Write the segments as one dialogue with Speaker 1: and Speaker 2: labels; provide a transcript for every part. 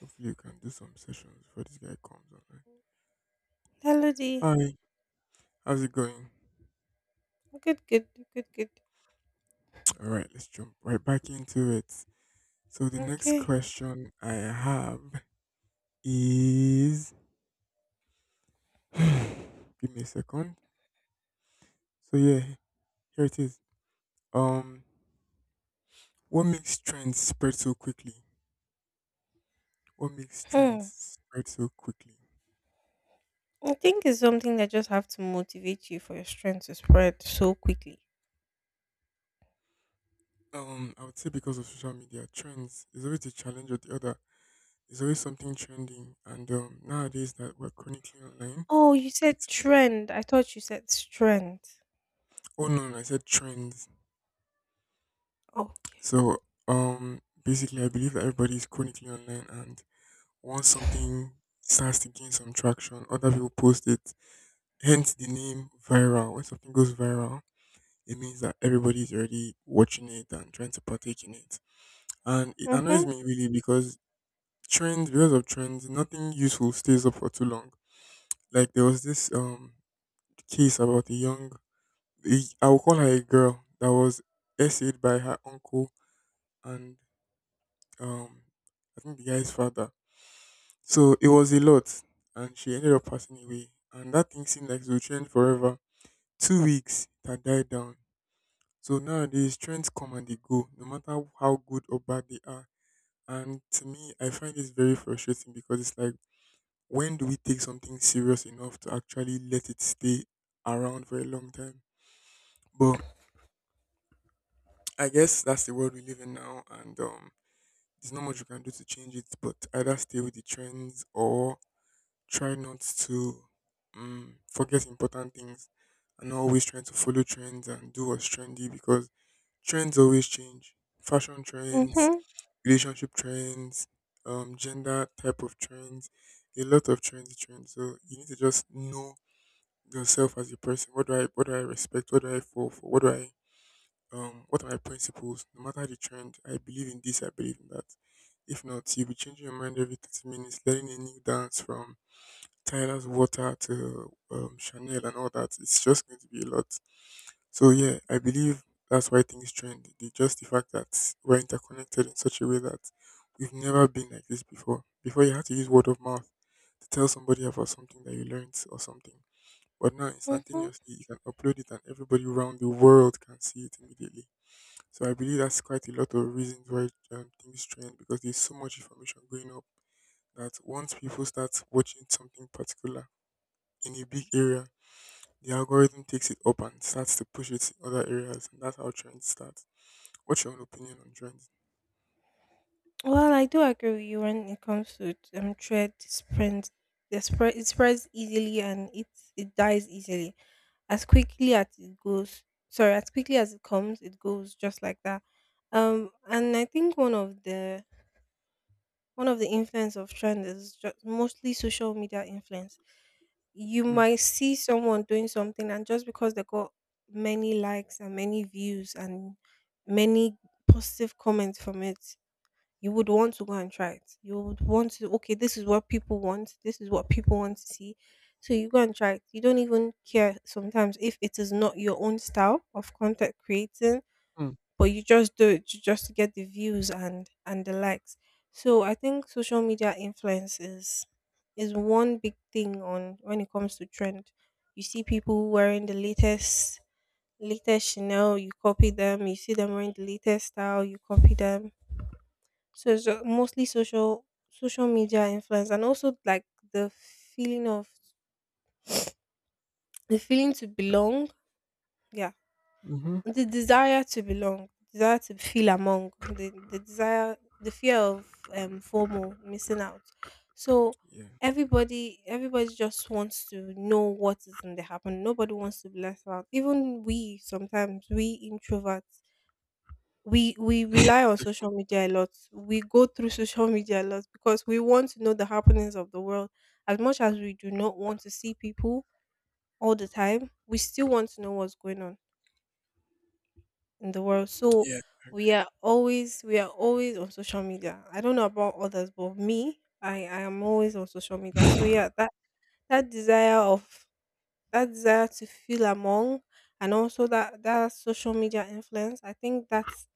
Speaker 1: Hopefully, you can do some sessions before this guy comes online.
Speaker 2: Melody.
Speaker 1: Hi, how's it going?
Speaker 2: Good, good, good, good.
Speaker 1: All right, let's jump right back into it. So, the next
Speaker 2: Okay.
Speaker 1: question I have is give me a second. So, yeah, here it is. Um, what makes trends spread so quickly? What makes
Speaker 2: Hmm.
Speaker 1: trends spread so quickly?
Speaker 2: I think it's something that just have to motivate you for your strength to spread so quickly.
Speaker 1: I would say because of social media, trends is always a challenge or the other. There's always something trending, and nowadays that we're chronically online,
Speaker 2: Oh, you said
Speaker 1: it's
Speaker 2: trend. I thought you said strength.
Speaker 1: Oh no, no, I said trends.
Speaker 2: Okay.
Speaker 1: So basically I believe that everybody is chronically online and once something starts to gain some traction, other people post it. Hence the name viral. When something goes viral, it means that everybody's already watching it and trying to partake in it. And it annoys
Speaker 2: Mhm.
Speaker 1: me really because trends because of trends, nothing useful stays up for too long. Like there was this case about a young, I will call her a girl that was essayed by her uncle and um I think the guy's father. So it was a lot and she ended up passing away. And that thing seemed like it would trend forever. 2 weeks it had died down. So nowadays trends come and they go, no matter how good or bad they are. And to me I find this very frustrating because it's like when do we take something serious enough to actually let it stay around for a long time? But I guess that's the world we live in now, and there's not much you can do to change it, but either stay with the trends or try not to forget important things and not always trying to follow trends and do what's trendy because trends always change. Fashion trends,
Speaker 2: Mhm.
Speaker 1: relationship trends, gender type of trends, a lot of trendy trends. So you need to just know yourself as a person. What do I respect? What do I fall for? What do I what are my principles? No matter the trend, I believe in this, I believe in that. If not, you'll be changing your mind every 30 minutes, learning a new dance from China's water to Chanel and all that. It's just going to be a lot. So yeah, I believe that's why things trend. They just the fact that we're interconnected in such a way that we've never been like this before. Before you had to use word of mouth to tell somebody about something that you learned or something. But now
Speaker 2: Mhm.
Speaker 1: instantaneously you can upload it and everybody around the world can see it immediately. So I believe that's quite a lot of reasons why things trend because there's so much information going up that once people start watching something particular in a big area, the algorithm takes it up and starts to push it to other areas, and that's how trends start. What's your own opinion on trends?
Speaker 2: Well, I do agree with you when it comes to thread spread. The spread, it spreads easily, and it dies easily. As quickly as it goes, sorry, as quickly as it comes, it goes just like that. And I think one of the influence of trend is just mostly social media influence. You
Speaker 1: Mm,
Speaker 2: might see someone doing something, and just because they got many likes and many views and many positive comments from it, you would want to go and try it. You would want to, okay, this is what people want, this is what people want to see. So you go and try it. You don't even care sometimes if it is not your own style of content creating,
Speaker 1: mm,
Speaker 2: but you just do it just to get the views and the likes. So I think social media influence is one big thing on when it comes to trend. You see people wearing the latest Chanel, you copy them. You see them wearing the latest style, you copy them. So it's mostly social media influence, and also like the feeling of the feeling to belong. Yeah.
Speaker 1: mm-hmm.
Speaker 2: The desire to belong, desire to feel among, the desire, the fear of FOMO, missing out. So
Speaker 1: Yeah.
Speaker 2: everybody just wants to know what is going to happen. Nobody wants to be left out. Even we sometimes we introverts. We rely on social media a lot. We go through social media a lot because we want to know the happenings of the world. As much as we do not want to see people all the time, we still want to know what's going on in the world. So
Speaker 1: Yeah.
Speaker 2: we are always on social media. I don't know about others, but me, I am always on social media. So yeah, that desire of that desire to feel among, and also that social media influence, I think that's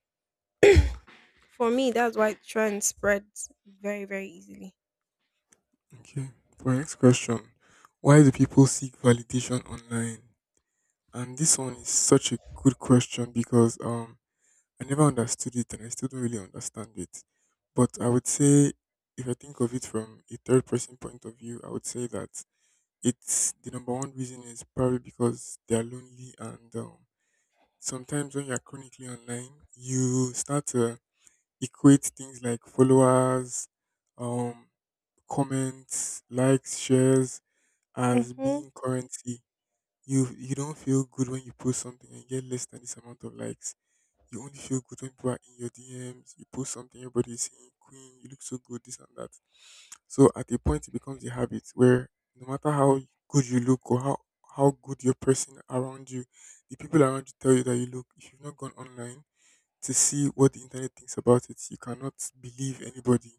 Speaker 2: for me that's why trend spreads very, very easily.
Speaker 1: Okay. For next question, why do people seek validation online? And this one is such a good question because I never understood it and I still don't really understand it. But I would say if I think of it from a third person point of view, I would say that it's the number one reason is probably because they are lonely, and sometimes when you're chronically online, you start to equate things like followers, um, comments, likes, shares as
Speaker 2: Mhm.
Speaker 1: being currency. You don't feel good when you post something and get less than this amount of likes. You only feel good when people are in your DMs. You post something, everybody's saying, "Queen, you look so good," this and that. So at a point, it becomes a habit where no matter how good you look or how good your person around you, the people around you tell you that you look, if you've not gone online to see what the internet thinks about it, you cannot believe anybody.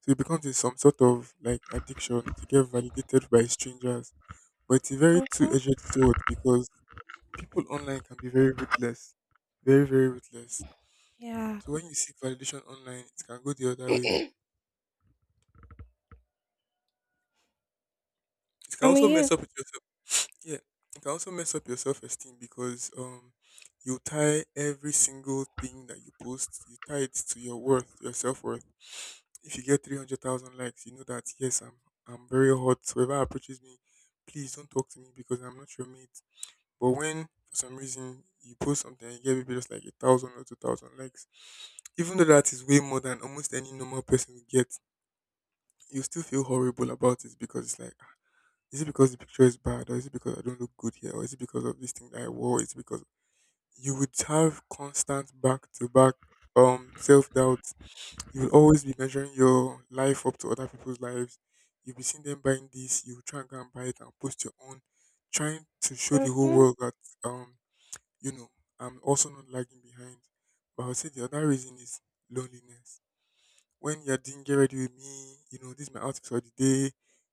Speaker 1: So it becomes some sort of like addiction to get validated by strangers. But it's a very
Speaker 2: Mhm.
Speaker 1: two-edged sword because people online can be very ruthless, very, very ruthless.
Speaker 2: Yeah.
Speaker 1: So when you seek validation online, it can go the other way. It can
Speaker 2: I
Speaker 1: also
Speaker 2: mean
Speaker 1: mess
Speaker 2: you.
Speaker 1: up with your, yeah, it can also mess up your self esteem because you tie every single thing that you post, you tie it to your worth, your self worth. If you get 300,000 likes, you know that yes, I'm very hot. So whoever approaches me, please don't talk to me because I'm not your mate. But when for some reason you post something and you get maybe just like 1,000 or 2,000 likes, even though that is way more than almost any normal person would get, you still feel horrible about it because it's like is it because the picture is bad, or is it because I don't look good here, or is it because of this thing that I wore? It's because you would have constant back to back self doubt. You will always be measuring your life up to other people's lives. You'll be seeing them buying this, you will try and go and buy it and post your own, trying to show the whole
Speaker 2: Mhm.
Speaker 1: world that um, you know, I'm also not lagging behind. But I would say the other reason is loneliness when you're doing get ready with me, you know, this is my outfit for the day.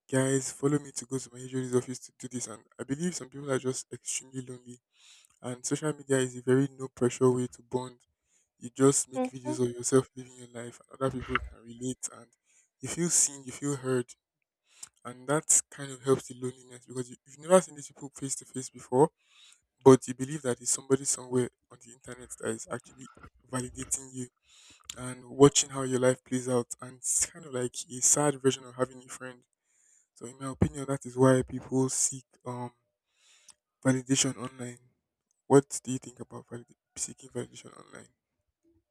Speaker 1: Guys, follow me to go to my HOD's office to do this. And I believe some people are just extremely lonely. And social media is a very no pressure way to bond. You just make
Speaker 2: Mhm.
Speaker 1: videos of yourself living your life, and other people can relate, and you feel seen, you feel heard. And that kind of helps the loneliness because you've never seen these people face to face before, but you believe that it's somebody somewhere on the internet that is actually validating you and watching how your life plays out. And it's kind of like a sad version of having a friend. So, in my opinion, that is why people seek validation online. What do you think about seeking validation online?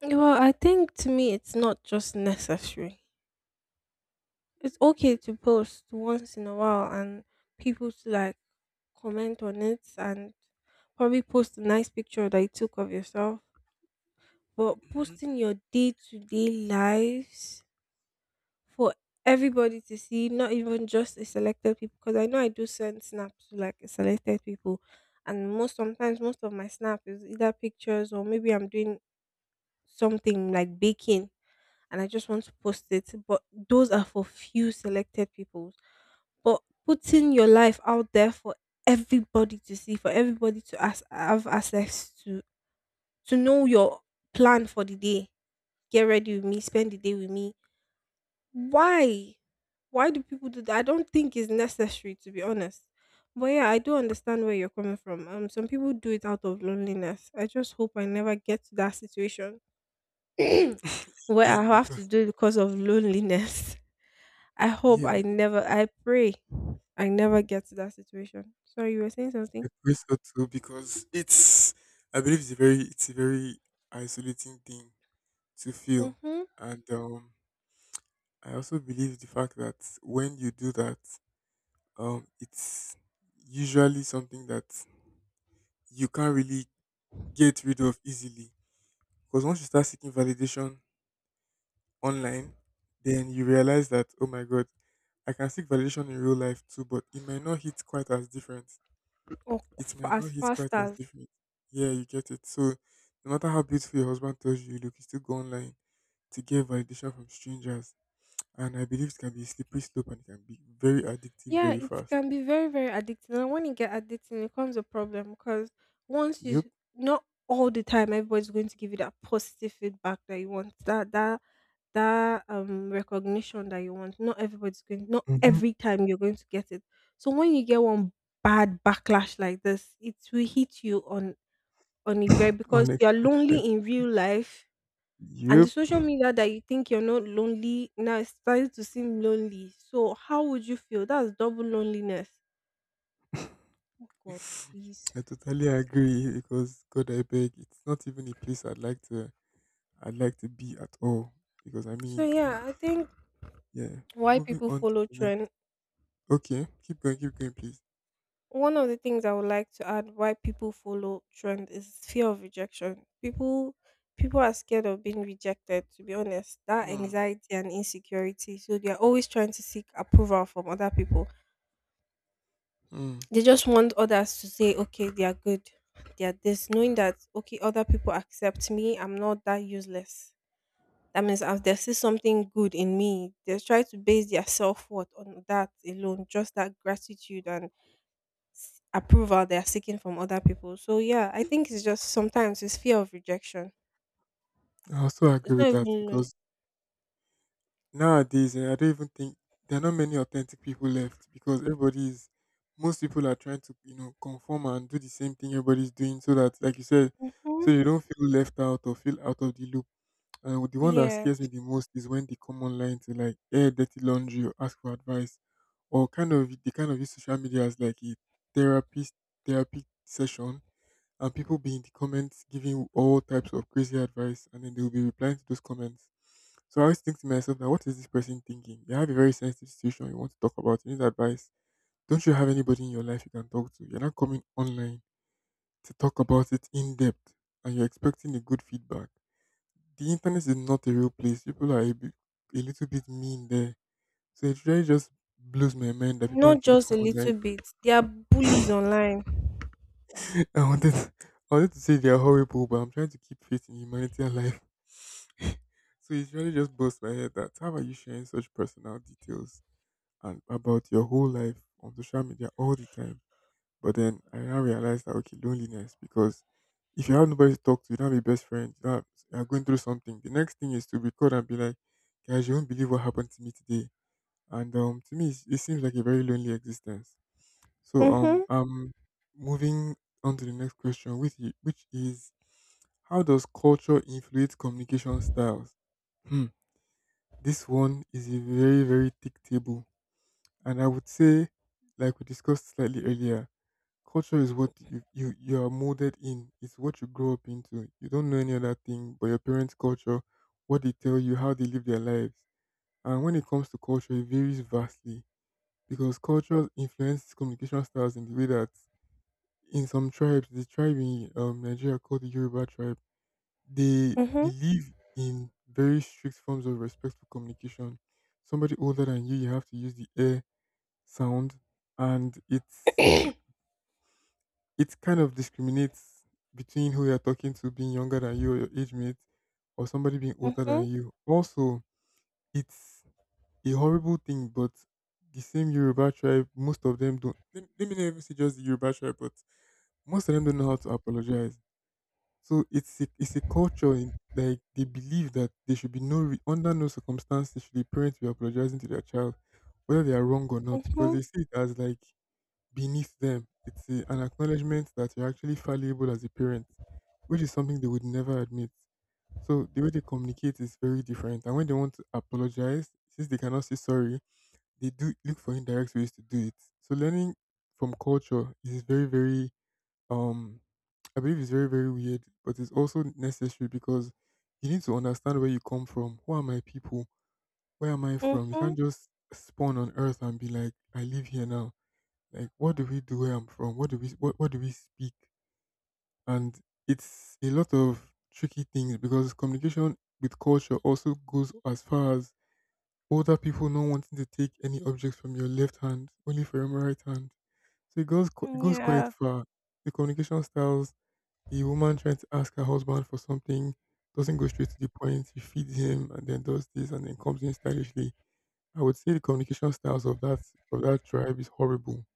Speaker 2: Well, I think to me it's not just necessary. It's okay to post once in a while and people to like comment on it and probably post a nice picture that you took of yourself. But
Speaker 1: Mhm.
Speaker 2: posting your day to day lives for everybody to see, not even just a selected people, because I know I do send snaps to like selected people, and most sometimes most of my snap is either pictures or maybe I'm doing something like baking and I just want to post it. But those are for few selected people. But putting your life out there for everybody to see, for everybody to as have access to know your plan for the day, get ready with me, spend the day with me. Why? Why do people do that? I don't think it's necessary, to be honest. But yeah, I do understand where you're coming from. Some people do it out of loneliness. I just hope I never get to that situation where I
Speaker 1: Amen.
Speaker 2: have to
Speaker 1: Because
Speaker 2: do it because of loneliness. I hope
Speaker 1: yeah,
Speaker 2: I never, I pray I never get to that situation. Sorry, you were saying
Speaker 1: I
Speaker 2: something?
Speaker 1: feel so too. Because it's, I believe it's a very isolating thing to feel,
Speaker 2: Mm-hmm.
Speaker 1: and I also believe the fact that when you do that, it's usually something that you can't really get rid of easily. Because once you start seeking validation online, then you realize that, oh my God, I can seek validation in real life too, but it might not hit quite as different.
Speaker 2: Or
Speaker 1: It might
Speaker 2: as
Speaker 1: not hit
Speaker 2: fast
Speaker 1: quite as
Speaker 2: as.
Speaker 1: different. Yeah, you get it. So no matter how beautiful your husband tells you, you look, you still go online to get validation from strangers. And I believe it can be a slippery slope and it can be very addictive
Speaker 2: Yeah,
Speaker 1: very
Speaker 2: it
Speaker 1: fast.
Speaker 2: can be very, very addicting. And when it get addicting, it comes a problem because once you,
Speaker 1: Yep.
Speaker 2: not all the time, everybody's going to give you that positive feedback that you want, that recognition that you want. Not
Speaker 1: Hmm.
Speaker 2: every time you're going to get it. So when you get one bad backlash like this, it will hit you on it very because you are
Speaker 1: Unexpected.
Speaker 2: lonely in real life, and the
Speaker 1: Yep.
Speaker 2: social media that you think you're not lonely now is starting to seem lonely. So how would you feel? That's double loneliness. Oh God, please.
Speaker 1: I totally agree because God, I beg, it's not even a place I'd like to be at all. Because I
Speaker 2: So
Speaker 1: mean, hmm,
Speaker 2: yeah, I think
Speaker 1: yeah.
Speaker 2: why
Speaker 1: Moving
Speaker 2: people
Speaker 1: on to
Speaker 2: follow
Speaker 1: the
Speaker 2: trend.
Speaker 1: next. Okay, keep going, please.
Speaker 2: One of the things I would like to add why people follow trend is fear of rejection. People are scared of being rejected, to be honest. That
Speaker 1: Hmm.
Speaker 2: anxiety and insecurity. So they are always trying to seek approval from other people.
Speaker 1: Hmm.
Speaker 2: They just want others to say, okay, they are good, they are this, knowing that okay, other people accept me, I'm not that useless. That means as they see something good in me, they try to base their self-worth on that alone. Just that gratitude and approval they are seeking from other people. So yeah, I think it's just sometimes it's fear of rejection.
Speaker 1: I also
Speaker 2: It's
Speaker 1: agree with
Speaker 2: not
Speaker 1: that
Speaker 2: even.
Speaker 1: because nowadays eh, I don't even think there are not many authentic people left because everybody is, most people are trying to, you know, conform and do the same thing everybody's doing so that like you said,
Speaker 2: Mm-hmm.
Speaker 1: so you don't feel left out or feel out of the loop. And the one that
Speaker 2: Yeah,
Speaker 1: scares me the most is when they come online to like air dirty laundry or ask for advice, or kind of they kind of use social media as like a therapy therapy session, and people be in the comments giving all types of crazy advice, and then they will be replying to those comments. So I always think to myself that what is this person thinking? You have a very sensitive situation you want to talk about, you need advice. Don't you have anybody in your life you can talk to? You're not coming online to talk about it in depth, and you're expecting a good feedback. The internet is not a real place. People are a little bit mean there. So it really just blows my mind that people
Speaker 2: not
Speaker 1: actually
Speaker 2: just a
Speaker 1: come online.
Speaker 2: little bit, they are bullies online.
Speaker 1: to- I wanted, to- I wanted to say they are horrible, but I'm trying to keep faith in humanity alive. So it really just bursts my head that how are you sharing such personal details and about your whole life on social media all the time? But then I now realized that okay, loneliness, because if you have nobody to talk to, you don't have a best friend, you, don't have, you are going through something. The next thing is to record and be like, guys, you won't believe what happened to me today. And To me, it seems like a very lonely existence.
Speaker 2: Mm-hmm.
Speaker 1: Am moving on to the next question with you, which is, how does culture influence communication styles? Hmm. This one is a very very thick table, and I would say, like we discussed slightly earlier, culture is what you are molded in. It's what you grow up into. You don't know any other thing but your parents' culture, what they tell you, how they live their lives. And when it comes to culture, it varies vastly because culture influences communication styles in the way that in some tribes, the tribe in Nigeria, called the Yoruba tribe, they
Speaker 2: Mm-hmm.
Speaker 1: believe in very strict forms of respectful communication. Somebody older than you, you have to use the air sound, and it kind of discriminates between who you're talking to, being younger than you or your age mate, or somebody being older than
Speaker 2: Mm-hmm.
Speaker 1: you. Also, it's a horrible thing, but the same Yoruba tribe, most of them don't. Let me not even say just the Yoruba tribe, but most of them don't know how to apologize. So it's a culture in, like they believe that there should be under no circumstances should the parents be apologizing to their child, whether they are wrong or not, because
Speaker 2: Mm-hmm.
Speaker 1: they see it as like beneath them. It's a, an acknowledgement that you're actually fallible as a parent, which is something they would never admit. So the way they communicate is very different, and when they want to apologize, since they cannot say sorry, they do look for indirect ways to do it. So learning from culture is very, very um I believe it's very, very weird, but it's also necessary because you need to understand where you come from. Who are my people? Where am I from? You
Speaker 2: Mm-hmm.
Speaker 1: can't just spawn on earth and be like, I live here now. Like, what do we do where I'm from? What do we what do we speak? And it's a lot of tricky things because communication with culture also goes as far as older people not wanting to take any objects from your left hand, only from your right hand. So it goes it
Speaker 2: Mm,
Speaker 1: goes quite
Speaker 2: yeah.
Speaker 1: far. The communication styles: a woman trying to ask her husband for something doesn't go straight to the point. She feeds him and then does this and then comes in stylishly. I would say the communication styles of that tribe is horrible,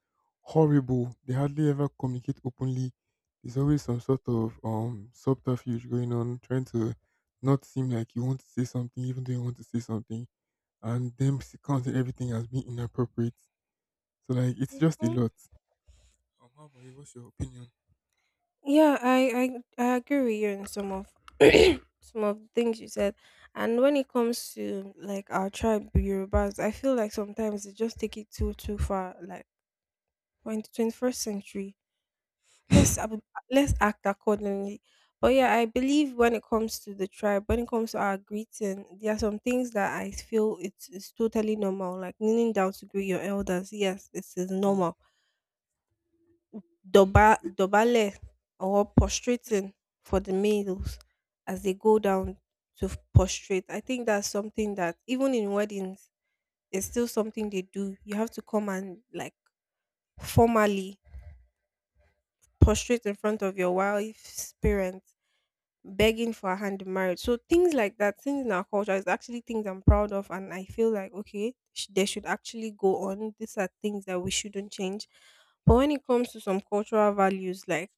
Speaker 1: horrible. They hardly ever communicate openly. There's always some sort of subterfuge going on, trying to not seem like you want to say something even though you want to say something, and them counting everything as being inappropriate. So like it's just a
Speaker 2: Mhm.
Speaker 1: lot. How about you? What's your opinion?
Speaker 2: Yeah, I agree with you in some of some of the things you said. And when it comes to like our tribe the Yorubas, I feel like sometimes they just take it too far. Like we're in the 21st century, let's ab- let's act accordingly. But yeah, I believe when it comes to the tribe, when it comes to our greeting, there are some things that I feel it's totally normal. Like kneeling down to greet your elders, yes, this is
Speaker 1: Hmm.
Speaker 2: normal. Doba Dobale, or prostrating for the males as they go down to prostrate. I think that's something that even in weddings, it's still something they do. You have to come and like formally prostrate in front of your wife's parents, begging for a hand in marriage. So things like that, things in our culture is actually things I'm proud of, and I feel like okay, they should actually go on. These are things that we shouldn't change. But when it comes to some cultural values, like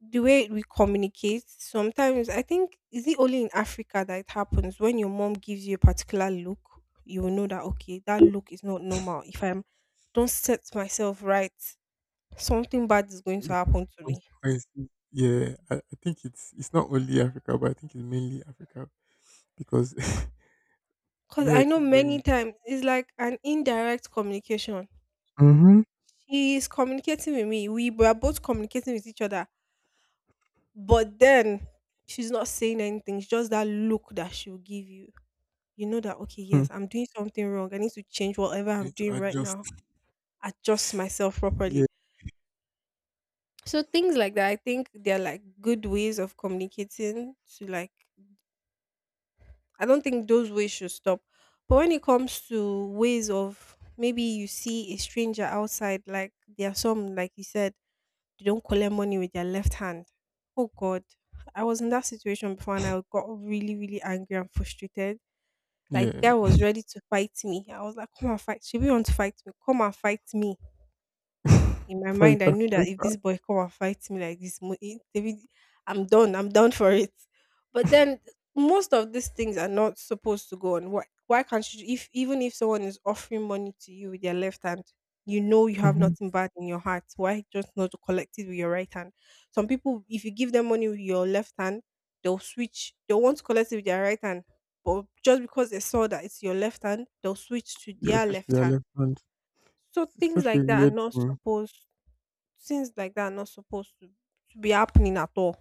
Speaker 2: the way we communicate sometimes, I think, is it only in Africa that it happens? When your mom gives you a particular look, you will know that okay, that look is not normal, if I'm don't set myself right, something bad is going to
Speaker 1: Ripple.
Speaker 2: happen to me.
Speaker 1: Consequences. Yeah, I think it's not only Africa, but I think it's mainly Africa because
Speaker 2: Because
Speaker 1: yeah,
Speaker 2: I know
Speaker 1: keep
Speaker 2: many
Speaker 1: going.
Speaker 2: times it's like an indirect communication.
Speaker 1: Mm-hmm.
Speaker 2: She is communicating with me, we were both communicating with each other, but then she's not saying anything, it's just that look that she'll give you. You know that okay,
Speaker 1: Hmm.
Speaker 2: yes, I'm doing something wrong, I need to change whatever
Speaker 1: You
Speaker 2: I'm
Speaker 1: need to
Speaker 2: doing right
Speaker 1: adjust.
Speaker 2: now. Adjust myself
Speaker 1: Yeah,
Speaker 2: properly. So things like that, I think they're like good ways of communicating to like, I don't think those ways should stop. But when it comes to ways of maybe you see a stranger outside, like there are some, like you said, they don't collect money with their left hand. Oh God, I was in that situation before and I got really, really angry and frustrated. Like the guy
Speaker 1: yeah.
Speaker 2: was ready to fight me. I was like, come and fight. She really want to fight me. Come and fight me. In my mind, I
Speaker 1: fighter,
Speaker 2: knew that if
Speaker 1: fighter.
Speaker 2: this boy come and fight me like this, David, I'm done. I'm done for it. But then most of these things are not supposed to go on. Why can't you? If even if someone is offering money to you with their left hand, you know you have
Speaker 1: Mhm.
Speaker 2: nothing bad in your heart. Why just not to collect it with your right hand? Some people, if you give them money with your left hand, they'll switch. They'll want to collect it with their right hand, but just because they saw that it's your left hand, they'll switch to
Speaker 1: Yeah,
Speaker 2: their
Speaker 1: especially
Speaker 2: left
Speaker 1: their
Speaker 2: hand.
Speaker 1: left hand.
Speaker 2: So
Speaker 1: It's
Speaker 2: things
Speaker 1: such a
Speaker 2: like that are
Speaker 1: weird
Speaker 2: not
Speaker 1: thing.
Speaker 2: supposed Things like that are not supposed to be happening at all.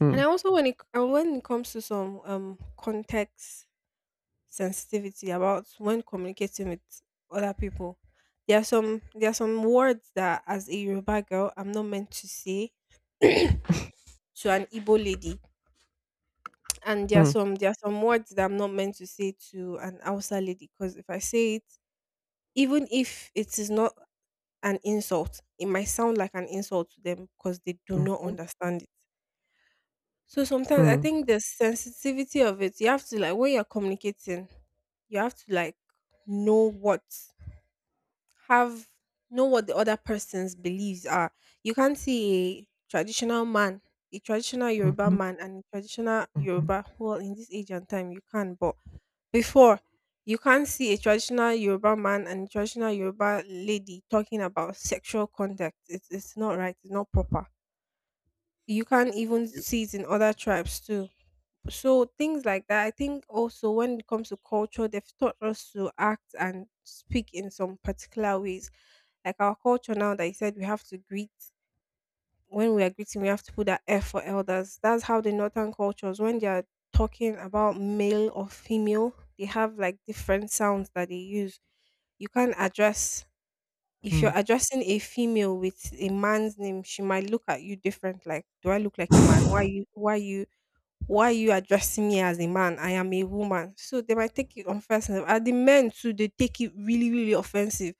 Speaker 1: Hmm.
Speaker 2: And I also, when it comes to some context sensitivity about when communicating with other people, there are some words that as a Yoruba girl I'm not meant to say to an Igbo lady. And there are
Speaker 1: Hmm.
Speaker 2: some there are some words that I'm not meant to say to an Hausa lady, because if I say it, even if it is not an insult, it might sound like an insult to them because they do
Speaker 1: Hmm.
Speaker 2: not understand it. So sometimes I
Speaker 1: Hmm.
Speaker 2: think the sensitivity of it, you have to like when you're communicating, you have to like know what have know what the other person's beliefs are. You can't see a traditional man, a traditional Yoruba
Speaker 1: Mhm.
Speaker 2: man and a traditional
Speaker 1: Mhm.
Speaker 2: Yoruba, well, in this age and time you can, but before, you can't see a traditional Yoruba man and a traditional Yoruba lady talking about sexual conduct. It's not right, it's not proper. You can't even
Speaker 1: You,
Speaker 2: see it in other tribes too, so things like that. I think also when it comes to culture, they've taught us to act and speak in some particular ways. Like our culture now that you said we have to greet when we are greeting, we have to put that F for elders. That's how the northern cultures, when they are talking about male or female, they have like different sounds that they use. You can't address if you're addressing a female with a man's name, she might look at you different. Like, do I look like a man?
Speaker 1: hmm.
Speaker 2: Why you? Why are you addressing me as a man? I am a woman. So they might take it offensive. And the men too, they take it really, really offensive.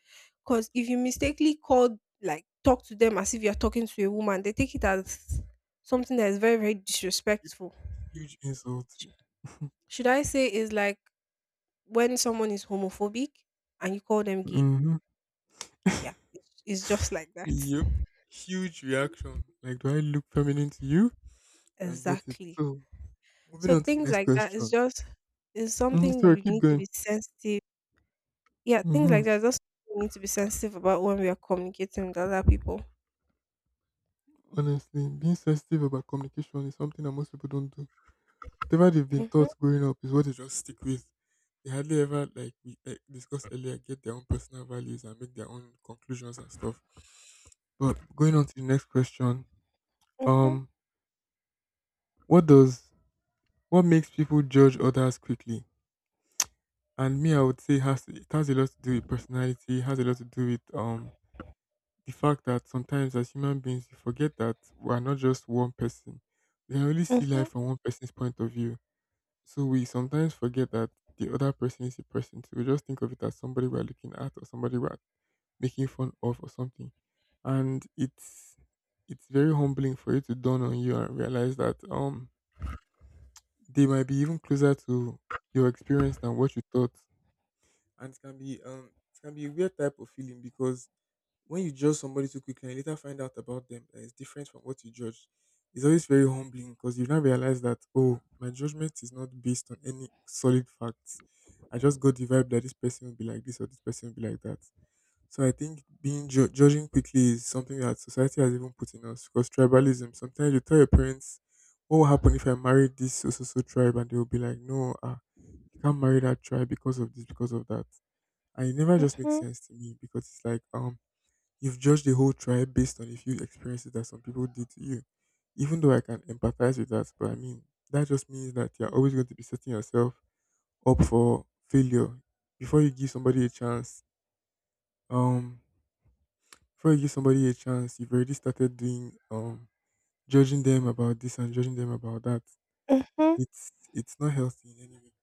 Speaker 2: Because if you mistakenly call, like, talk to them as if you're talking to a woman, they take it as something that is very, very disrespectful.
Speaker 1: Huge insult.
Speaker 2: Sh- Should I say is like when someone is homophobic and you call them gay?
Speaker 1: hmm.
Speaker 2: Yeah, it's just like that.
Speaker 1: Yep. Huge reaction. Like, do I look feminine to you? I get it.
Speaker 2: Exactly.
Speaker 1: So, moving
Speaker 2: So
Speaker 1: on to the
Speaker 2: things
Speaker 1: next
Speaker 2: like that is
Speaker 1: question.
Speaker 2: just is
Speaker 1: Mm,
Speaker 2: something
Speaker 1: sorry,
Speaker 2: we
Speaker 1: keep
Speaker 2: need to
Speaker 1: going.
Speaker 2: be sensitive. Yeah, things like
Speaker 1: Hmm.
Speaker 2: that. Just we need to be sensitive about when we are communicating with other people.
Speaker 1: Honestly, being sensitive about communication is something that most people don't do. Whatever they've been
Speaker 2: Mhm,
Speaker 1: taught growing up is what they just stick with. They hardly ever, like we discussed earlier, get their own personal values and make their own conclusions and stuff. But going on to the next question.
Speaker 2: mhm,
Speaker 1: Um, what does what makes people judge others quickly? And me, I would say has it has a lot to do with personality. Has a lot to do with the fact that sometimes as human beings you forget that we are not just one person. We can only see life
Speaker 2: mhm,
Speaker 1: from one person's point of view. So we sometimes forget that the other person is a person. So we just think of it as somebody we're looking at or somebody we're making fun of or something. And it's very humbling for you to dawn on you and realize that they might be even closer to your experience than what you thought. And it can be a weird type of feeling because when you judge somebody too quickly and you later find out about them that is different from what you judged, it's always very humbling because you now realize that oh, my judgment is not based on any solid facts. I just got the vibe that this person will be like this or this person will be like that. So I think judging quickly is something that society has even put in us because tribalism. Sometimes you tell your parents, "What will happen if I marry this so so so tribe?" and they will be like, "No, ah, you can't marry that tribe because of this, because of that." And it never just makes
Speaker 2: mhm,
Speaker 1: sense to me because it's like you've judged the whole tribe based on a few experiences that some people did to you. Even though I can empathize with that, but I mean that just means that you're always going to be setting yourself up for failure. Before you give somebody a chance, um Before you give somebody a chance, you've already started doing judging them about this and judging them about that.
Speaker 2: mhm.
Speaker 1: It's not healthy in any way.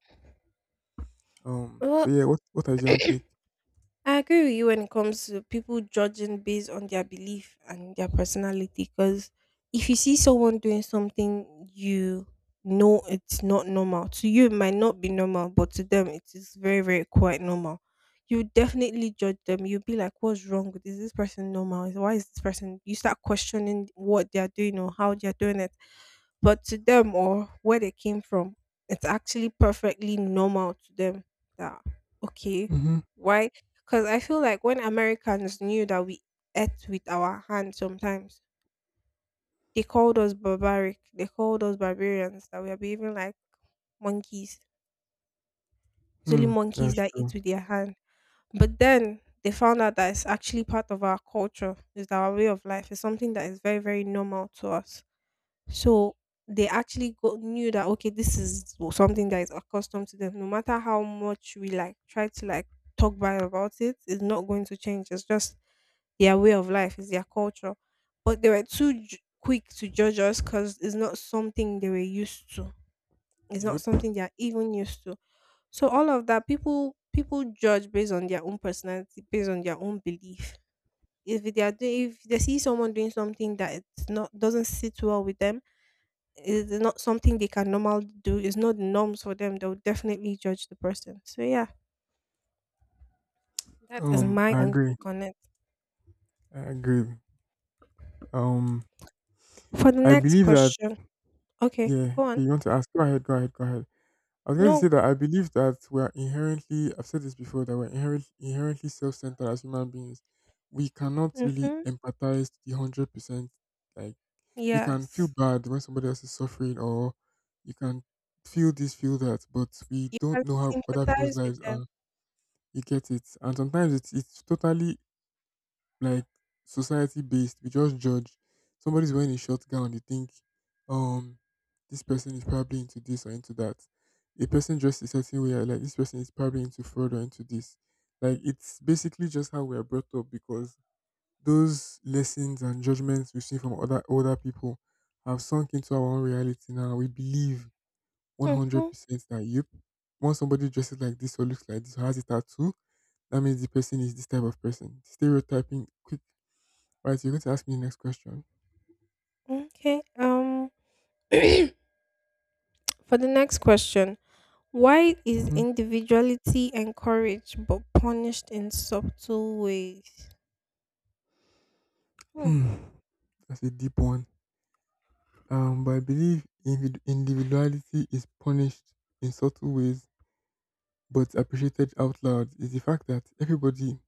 Speaker 1: Um, so
Speaker 2: Well,
Speaker 1: yeah, what is your own take?
Speaker 2: I agree with you when it comes to people judging based on their belief and their personality. Because if you see someone doing something you know it's not normal, to you it might not be normal, but to them it is very, very quite normal. You would definitely judge them. You'll be like, what's wrong with Is this person normal? Why is this person? You start questioning what they're doing or how they're doing it. But to them or where they came from, it's actually perfectly normal to them that, okay,
Speaker 1: Mm-hmm.
Speaker 2: why? Because I feel like when Americans knew that we ate with our hands sometimes, they called us barbaric. They called us barbarians, that we are behaving like monkeys. It's only
Speaker 1: Hmm,
Speaker 2: monkeys
Speaker 1: that's
Speaker 2: that eat
Speaker 1: true.
Speaker 2: with their hand. But then they found out that it's actually part of our culture, it's our way of life, it's something that is very, very normal to us. So they actually go, knew that okay, this is something that is accustomed to them. No matter how much we like try to like talk bad about it, it's not going to change. It's just their way of life, it's their culture. But they were too quick to judge us because it's not something they were used to. It's not
Speaker 1: Yep.
Speaker 2: something they are even used to. So all of that, people judge based on their own personality, based on their own belief. If they are doing, if they see someone doing something that it's not doesn't sit well with them, it's not something they can normally do. It's not the norms for them. They'll definitely judge the person. So yeah, that is my
Speaker 1: I
Speaker 2: own
Speaker 1: agree.
Speaker 2: take on it.
Speaker 1: I agree. Um,
Speaker 2: For the
Speaker 1: I
Speaker 2: next
Speaker 1: believe that,
Speaker 2: question, okay,
Speaker 1: yeah, okay,
Speaker 2: go on.
Speaker 1: you want to ask? Go ahead, go ahead, go ahead. I was going to say
Speaker 2: No,
Speaker 1: that I believe that I've said this before, that inherently self centered as human beings. We cannot really
Speaker 2: mm-hmm,
Speaker 1: empathize to the 100%. Like, you can feel
Speaker 2: yes,
Speaker 1: bad when somebody else is suffering, or you can feel that, but we
Speaker 2: you can
Speaker 1: don't know how other people's
Speaker 2: sympathize with
Speaker 1: lives
Speaker 2: them.
Speaker 1: are. You get it. And sometimes it's totally like society based. We just judge. Somebody's wearing a short gown, you think, um, this person is probably into this or into that. A person dressed a certain way, you're like this person is probably into fraud or into this. Like, it's basically just how we are brought up because those lessons and judgments we've seen from other older people have sunk into our own reality now. We believe one hundred
Speaker 2: Mm-hmm,
Speaker 1: percent that yep, once somebody dresses like this or looks like this or has a tattoo, that means the person is this type of person. Stereotyping, quick. Right, so you're going to ask me the next question.
Speaker 2: okay. For the next question, why is
Speaker 1: Hmm.
Speaker 2: individuality encouraged but punished in subtle ways? Hmm.
Speaker 1: Hmm. That's a deep one. But I believe individuality is punished in subtle ways, but appreciated out loud. Is the fact that everybody,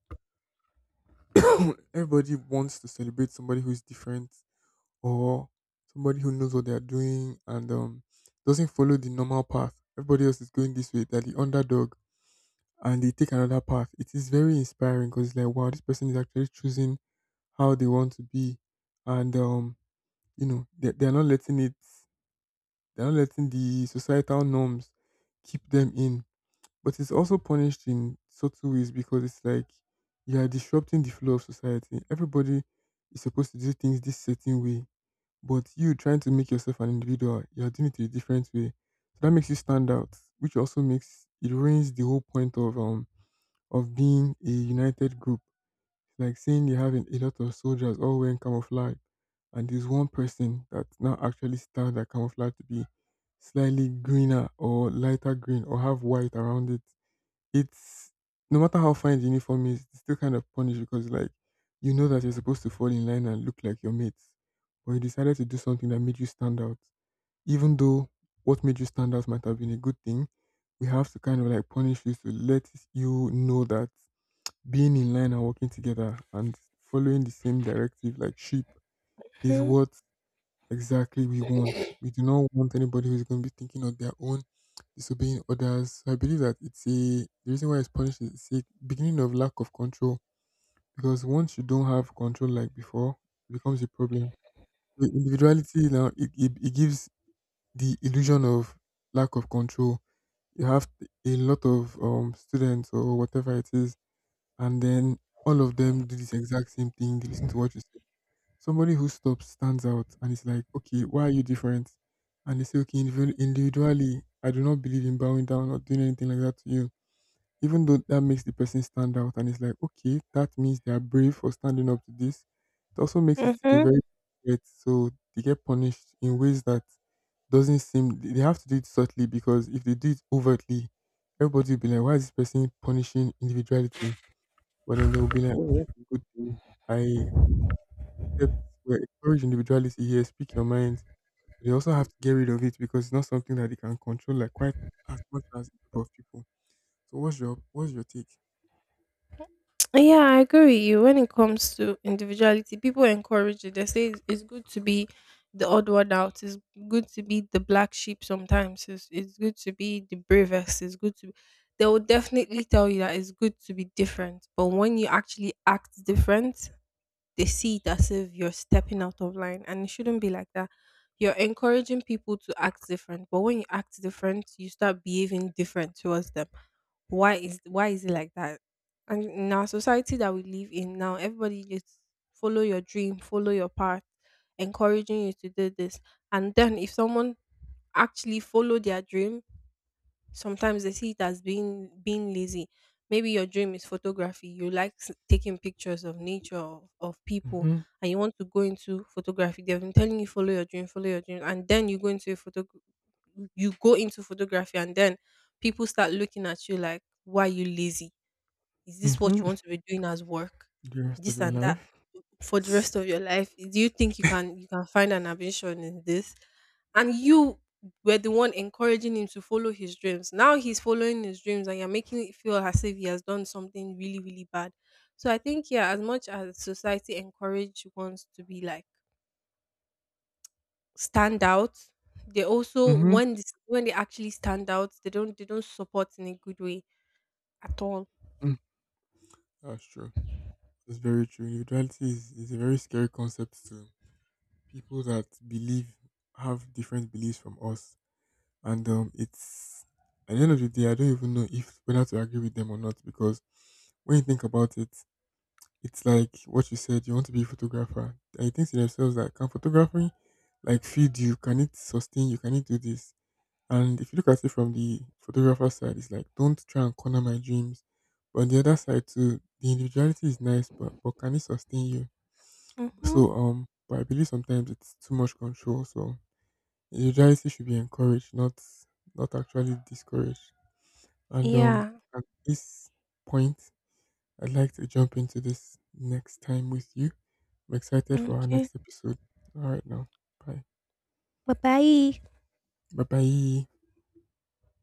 Speaker 1: everybody wants to celebrate somebody who is different or somebody who knows what they are doing and doesn't follow the normal path. Everybody else is going this way. They're the underdog, and they take another path. It is very inspiring because it's like, wow, this person is actually choosing how they want to be, and you know, they are not letting it they're not letting the societal norms keep them in. But it's also punished in subtle ways because it's like you are disrupting the flow of society. Everybody is supposed to do things this certain way, but you trying to make yourself an individual, you are doing it a different way. So that makes you stand out, which also makes it ruins the whole point of being a united group, like saying you have a lot of soldiers all wearing camouflage, and there's one person that now actually styled that camouflage to be slightly greener or lighter green or have white around it. It's no matter how fine the uniform is, it's still kind of punished because like you know that you're supposed to fall in line and look like your mates, but you decided to do something that made you stand out. Even though what made you stand out might have been a good thing, we have to kind of like punish you to let you know that being in line and working together and following the same directive like sheep is
Speaker 2: Hmm.
Speaker 1: what exactly we want. We do not want anybody who's going to be thinking on their own, disobeying others. So I believe that it's a the reason why it's punished is it's a beginning of lack of control because once you don't have control like before, it becomes a problem. The individuality now it gives the illusion of lack of control. You have a lot of students or whatever it is, and then all of them do this exact same thing. They listen to what you say. Somebody who stops stands out and it's like, okay, why are you different? And they say, okay, individually, I do not believe in bowing down or doing anything like that to you. Even though that makes the person stand out and it's like, okay, that means they are brave for standing up to this, it also makes it a
Speaker 2: Mm-hmm.
Speaker 1: very threat. So they get punished in ways that doesn't seem they have to do it subtly because if they do it overtly, everybody will be like, why is this person punishing individuality? But then they will be like, "Oh, that's a good thing. I accept. We encourage individuality here. Speak your mind." They also have to get rid of it because it's not something that they can control like quite as much as a group of people. So what's your take?
Speaker 2: Yeah, I agree with you. When it comes to individuality, people encourage it. They say it's good to be the odd one out. It's good to be the black sheep sometimes. It's good to be the bravest. It's good to be. They will definitely tell you that it's good to be different. But when you actually act different, they see it as if you're stepping out of line. And it shouldn't be like that. You're encouraging people to act different. But when you act different, you start behaving different towards them. Why is it like that? And in our society that we live in now, everybody just follow your dream, follow your path, encouraging you to do this, and then if someone actually follow their dream, sometimes they see it as being lazy. Maybe your dream is photography. You like taking pictures of nature, of people,
Speaker 1: Mm-hmm.
Speaker 2: and you want to go into photography. They've been telling you follow your dream, and then you go into a photo, you go into photography, and then people start looking at you like, why are you lazy? Is this what
Speaker 1: Mm-hmm.
Speaker 2: you want to be doing as work?
Speaker 1: The rest of
Speaker 2: This
Speaker 1: your
Speaker 2: and that
Speaker 1: life.
Speaker 2: for the rest of your life. Do you think you can find an ambition in this? And you were the one encouraging him to follow his dreams, now he's following his dreams and you're making it feel as if he has done something really, really bad. So I think, yeah, as much as society encourage ones to be like stand out, they also
Speaker 1: Mm-hmm.
Speaker 2: when this, when they actually stand out, they don't support in a good way at all.
Speaker 1: Mm. That's true. That's very true. Is a very scary concept to people that believe have different beliefs from us. And it's at the end of the day, I don't even know if whether to agree with them or not because when you think about it, it's like what you said. You want to be a photographer, and you think to themselves that can photography like feed you? Can it sustain you? Can it do this? And if you look at it from the photographer side, it's like don't try and corner my dreams. But on the other side too, the individuality is nice, but can it sustain you?
Speaker 2: Mm-hmm.
Speaker 1: So but I believe sometimes it's too much control. So individuality should be encouraged, not actually discouraged. And
Speaker 2: Yeah,
Speaker 1: at this point, I'd like to jump into this next time with you. I'm excited for our
Speaker 2: okay.
Speaker 1: next episode. All right, now, bye.
Speaker 2: Bye bye.
Speaker 1: Bye bye.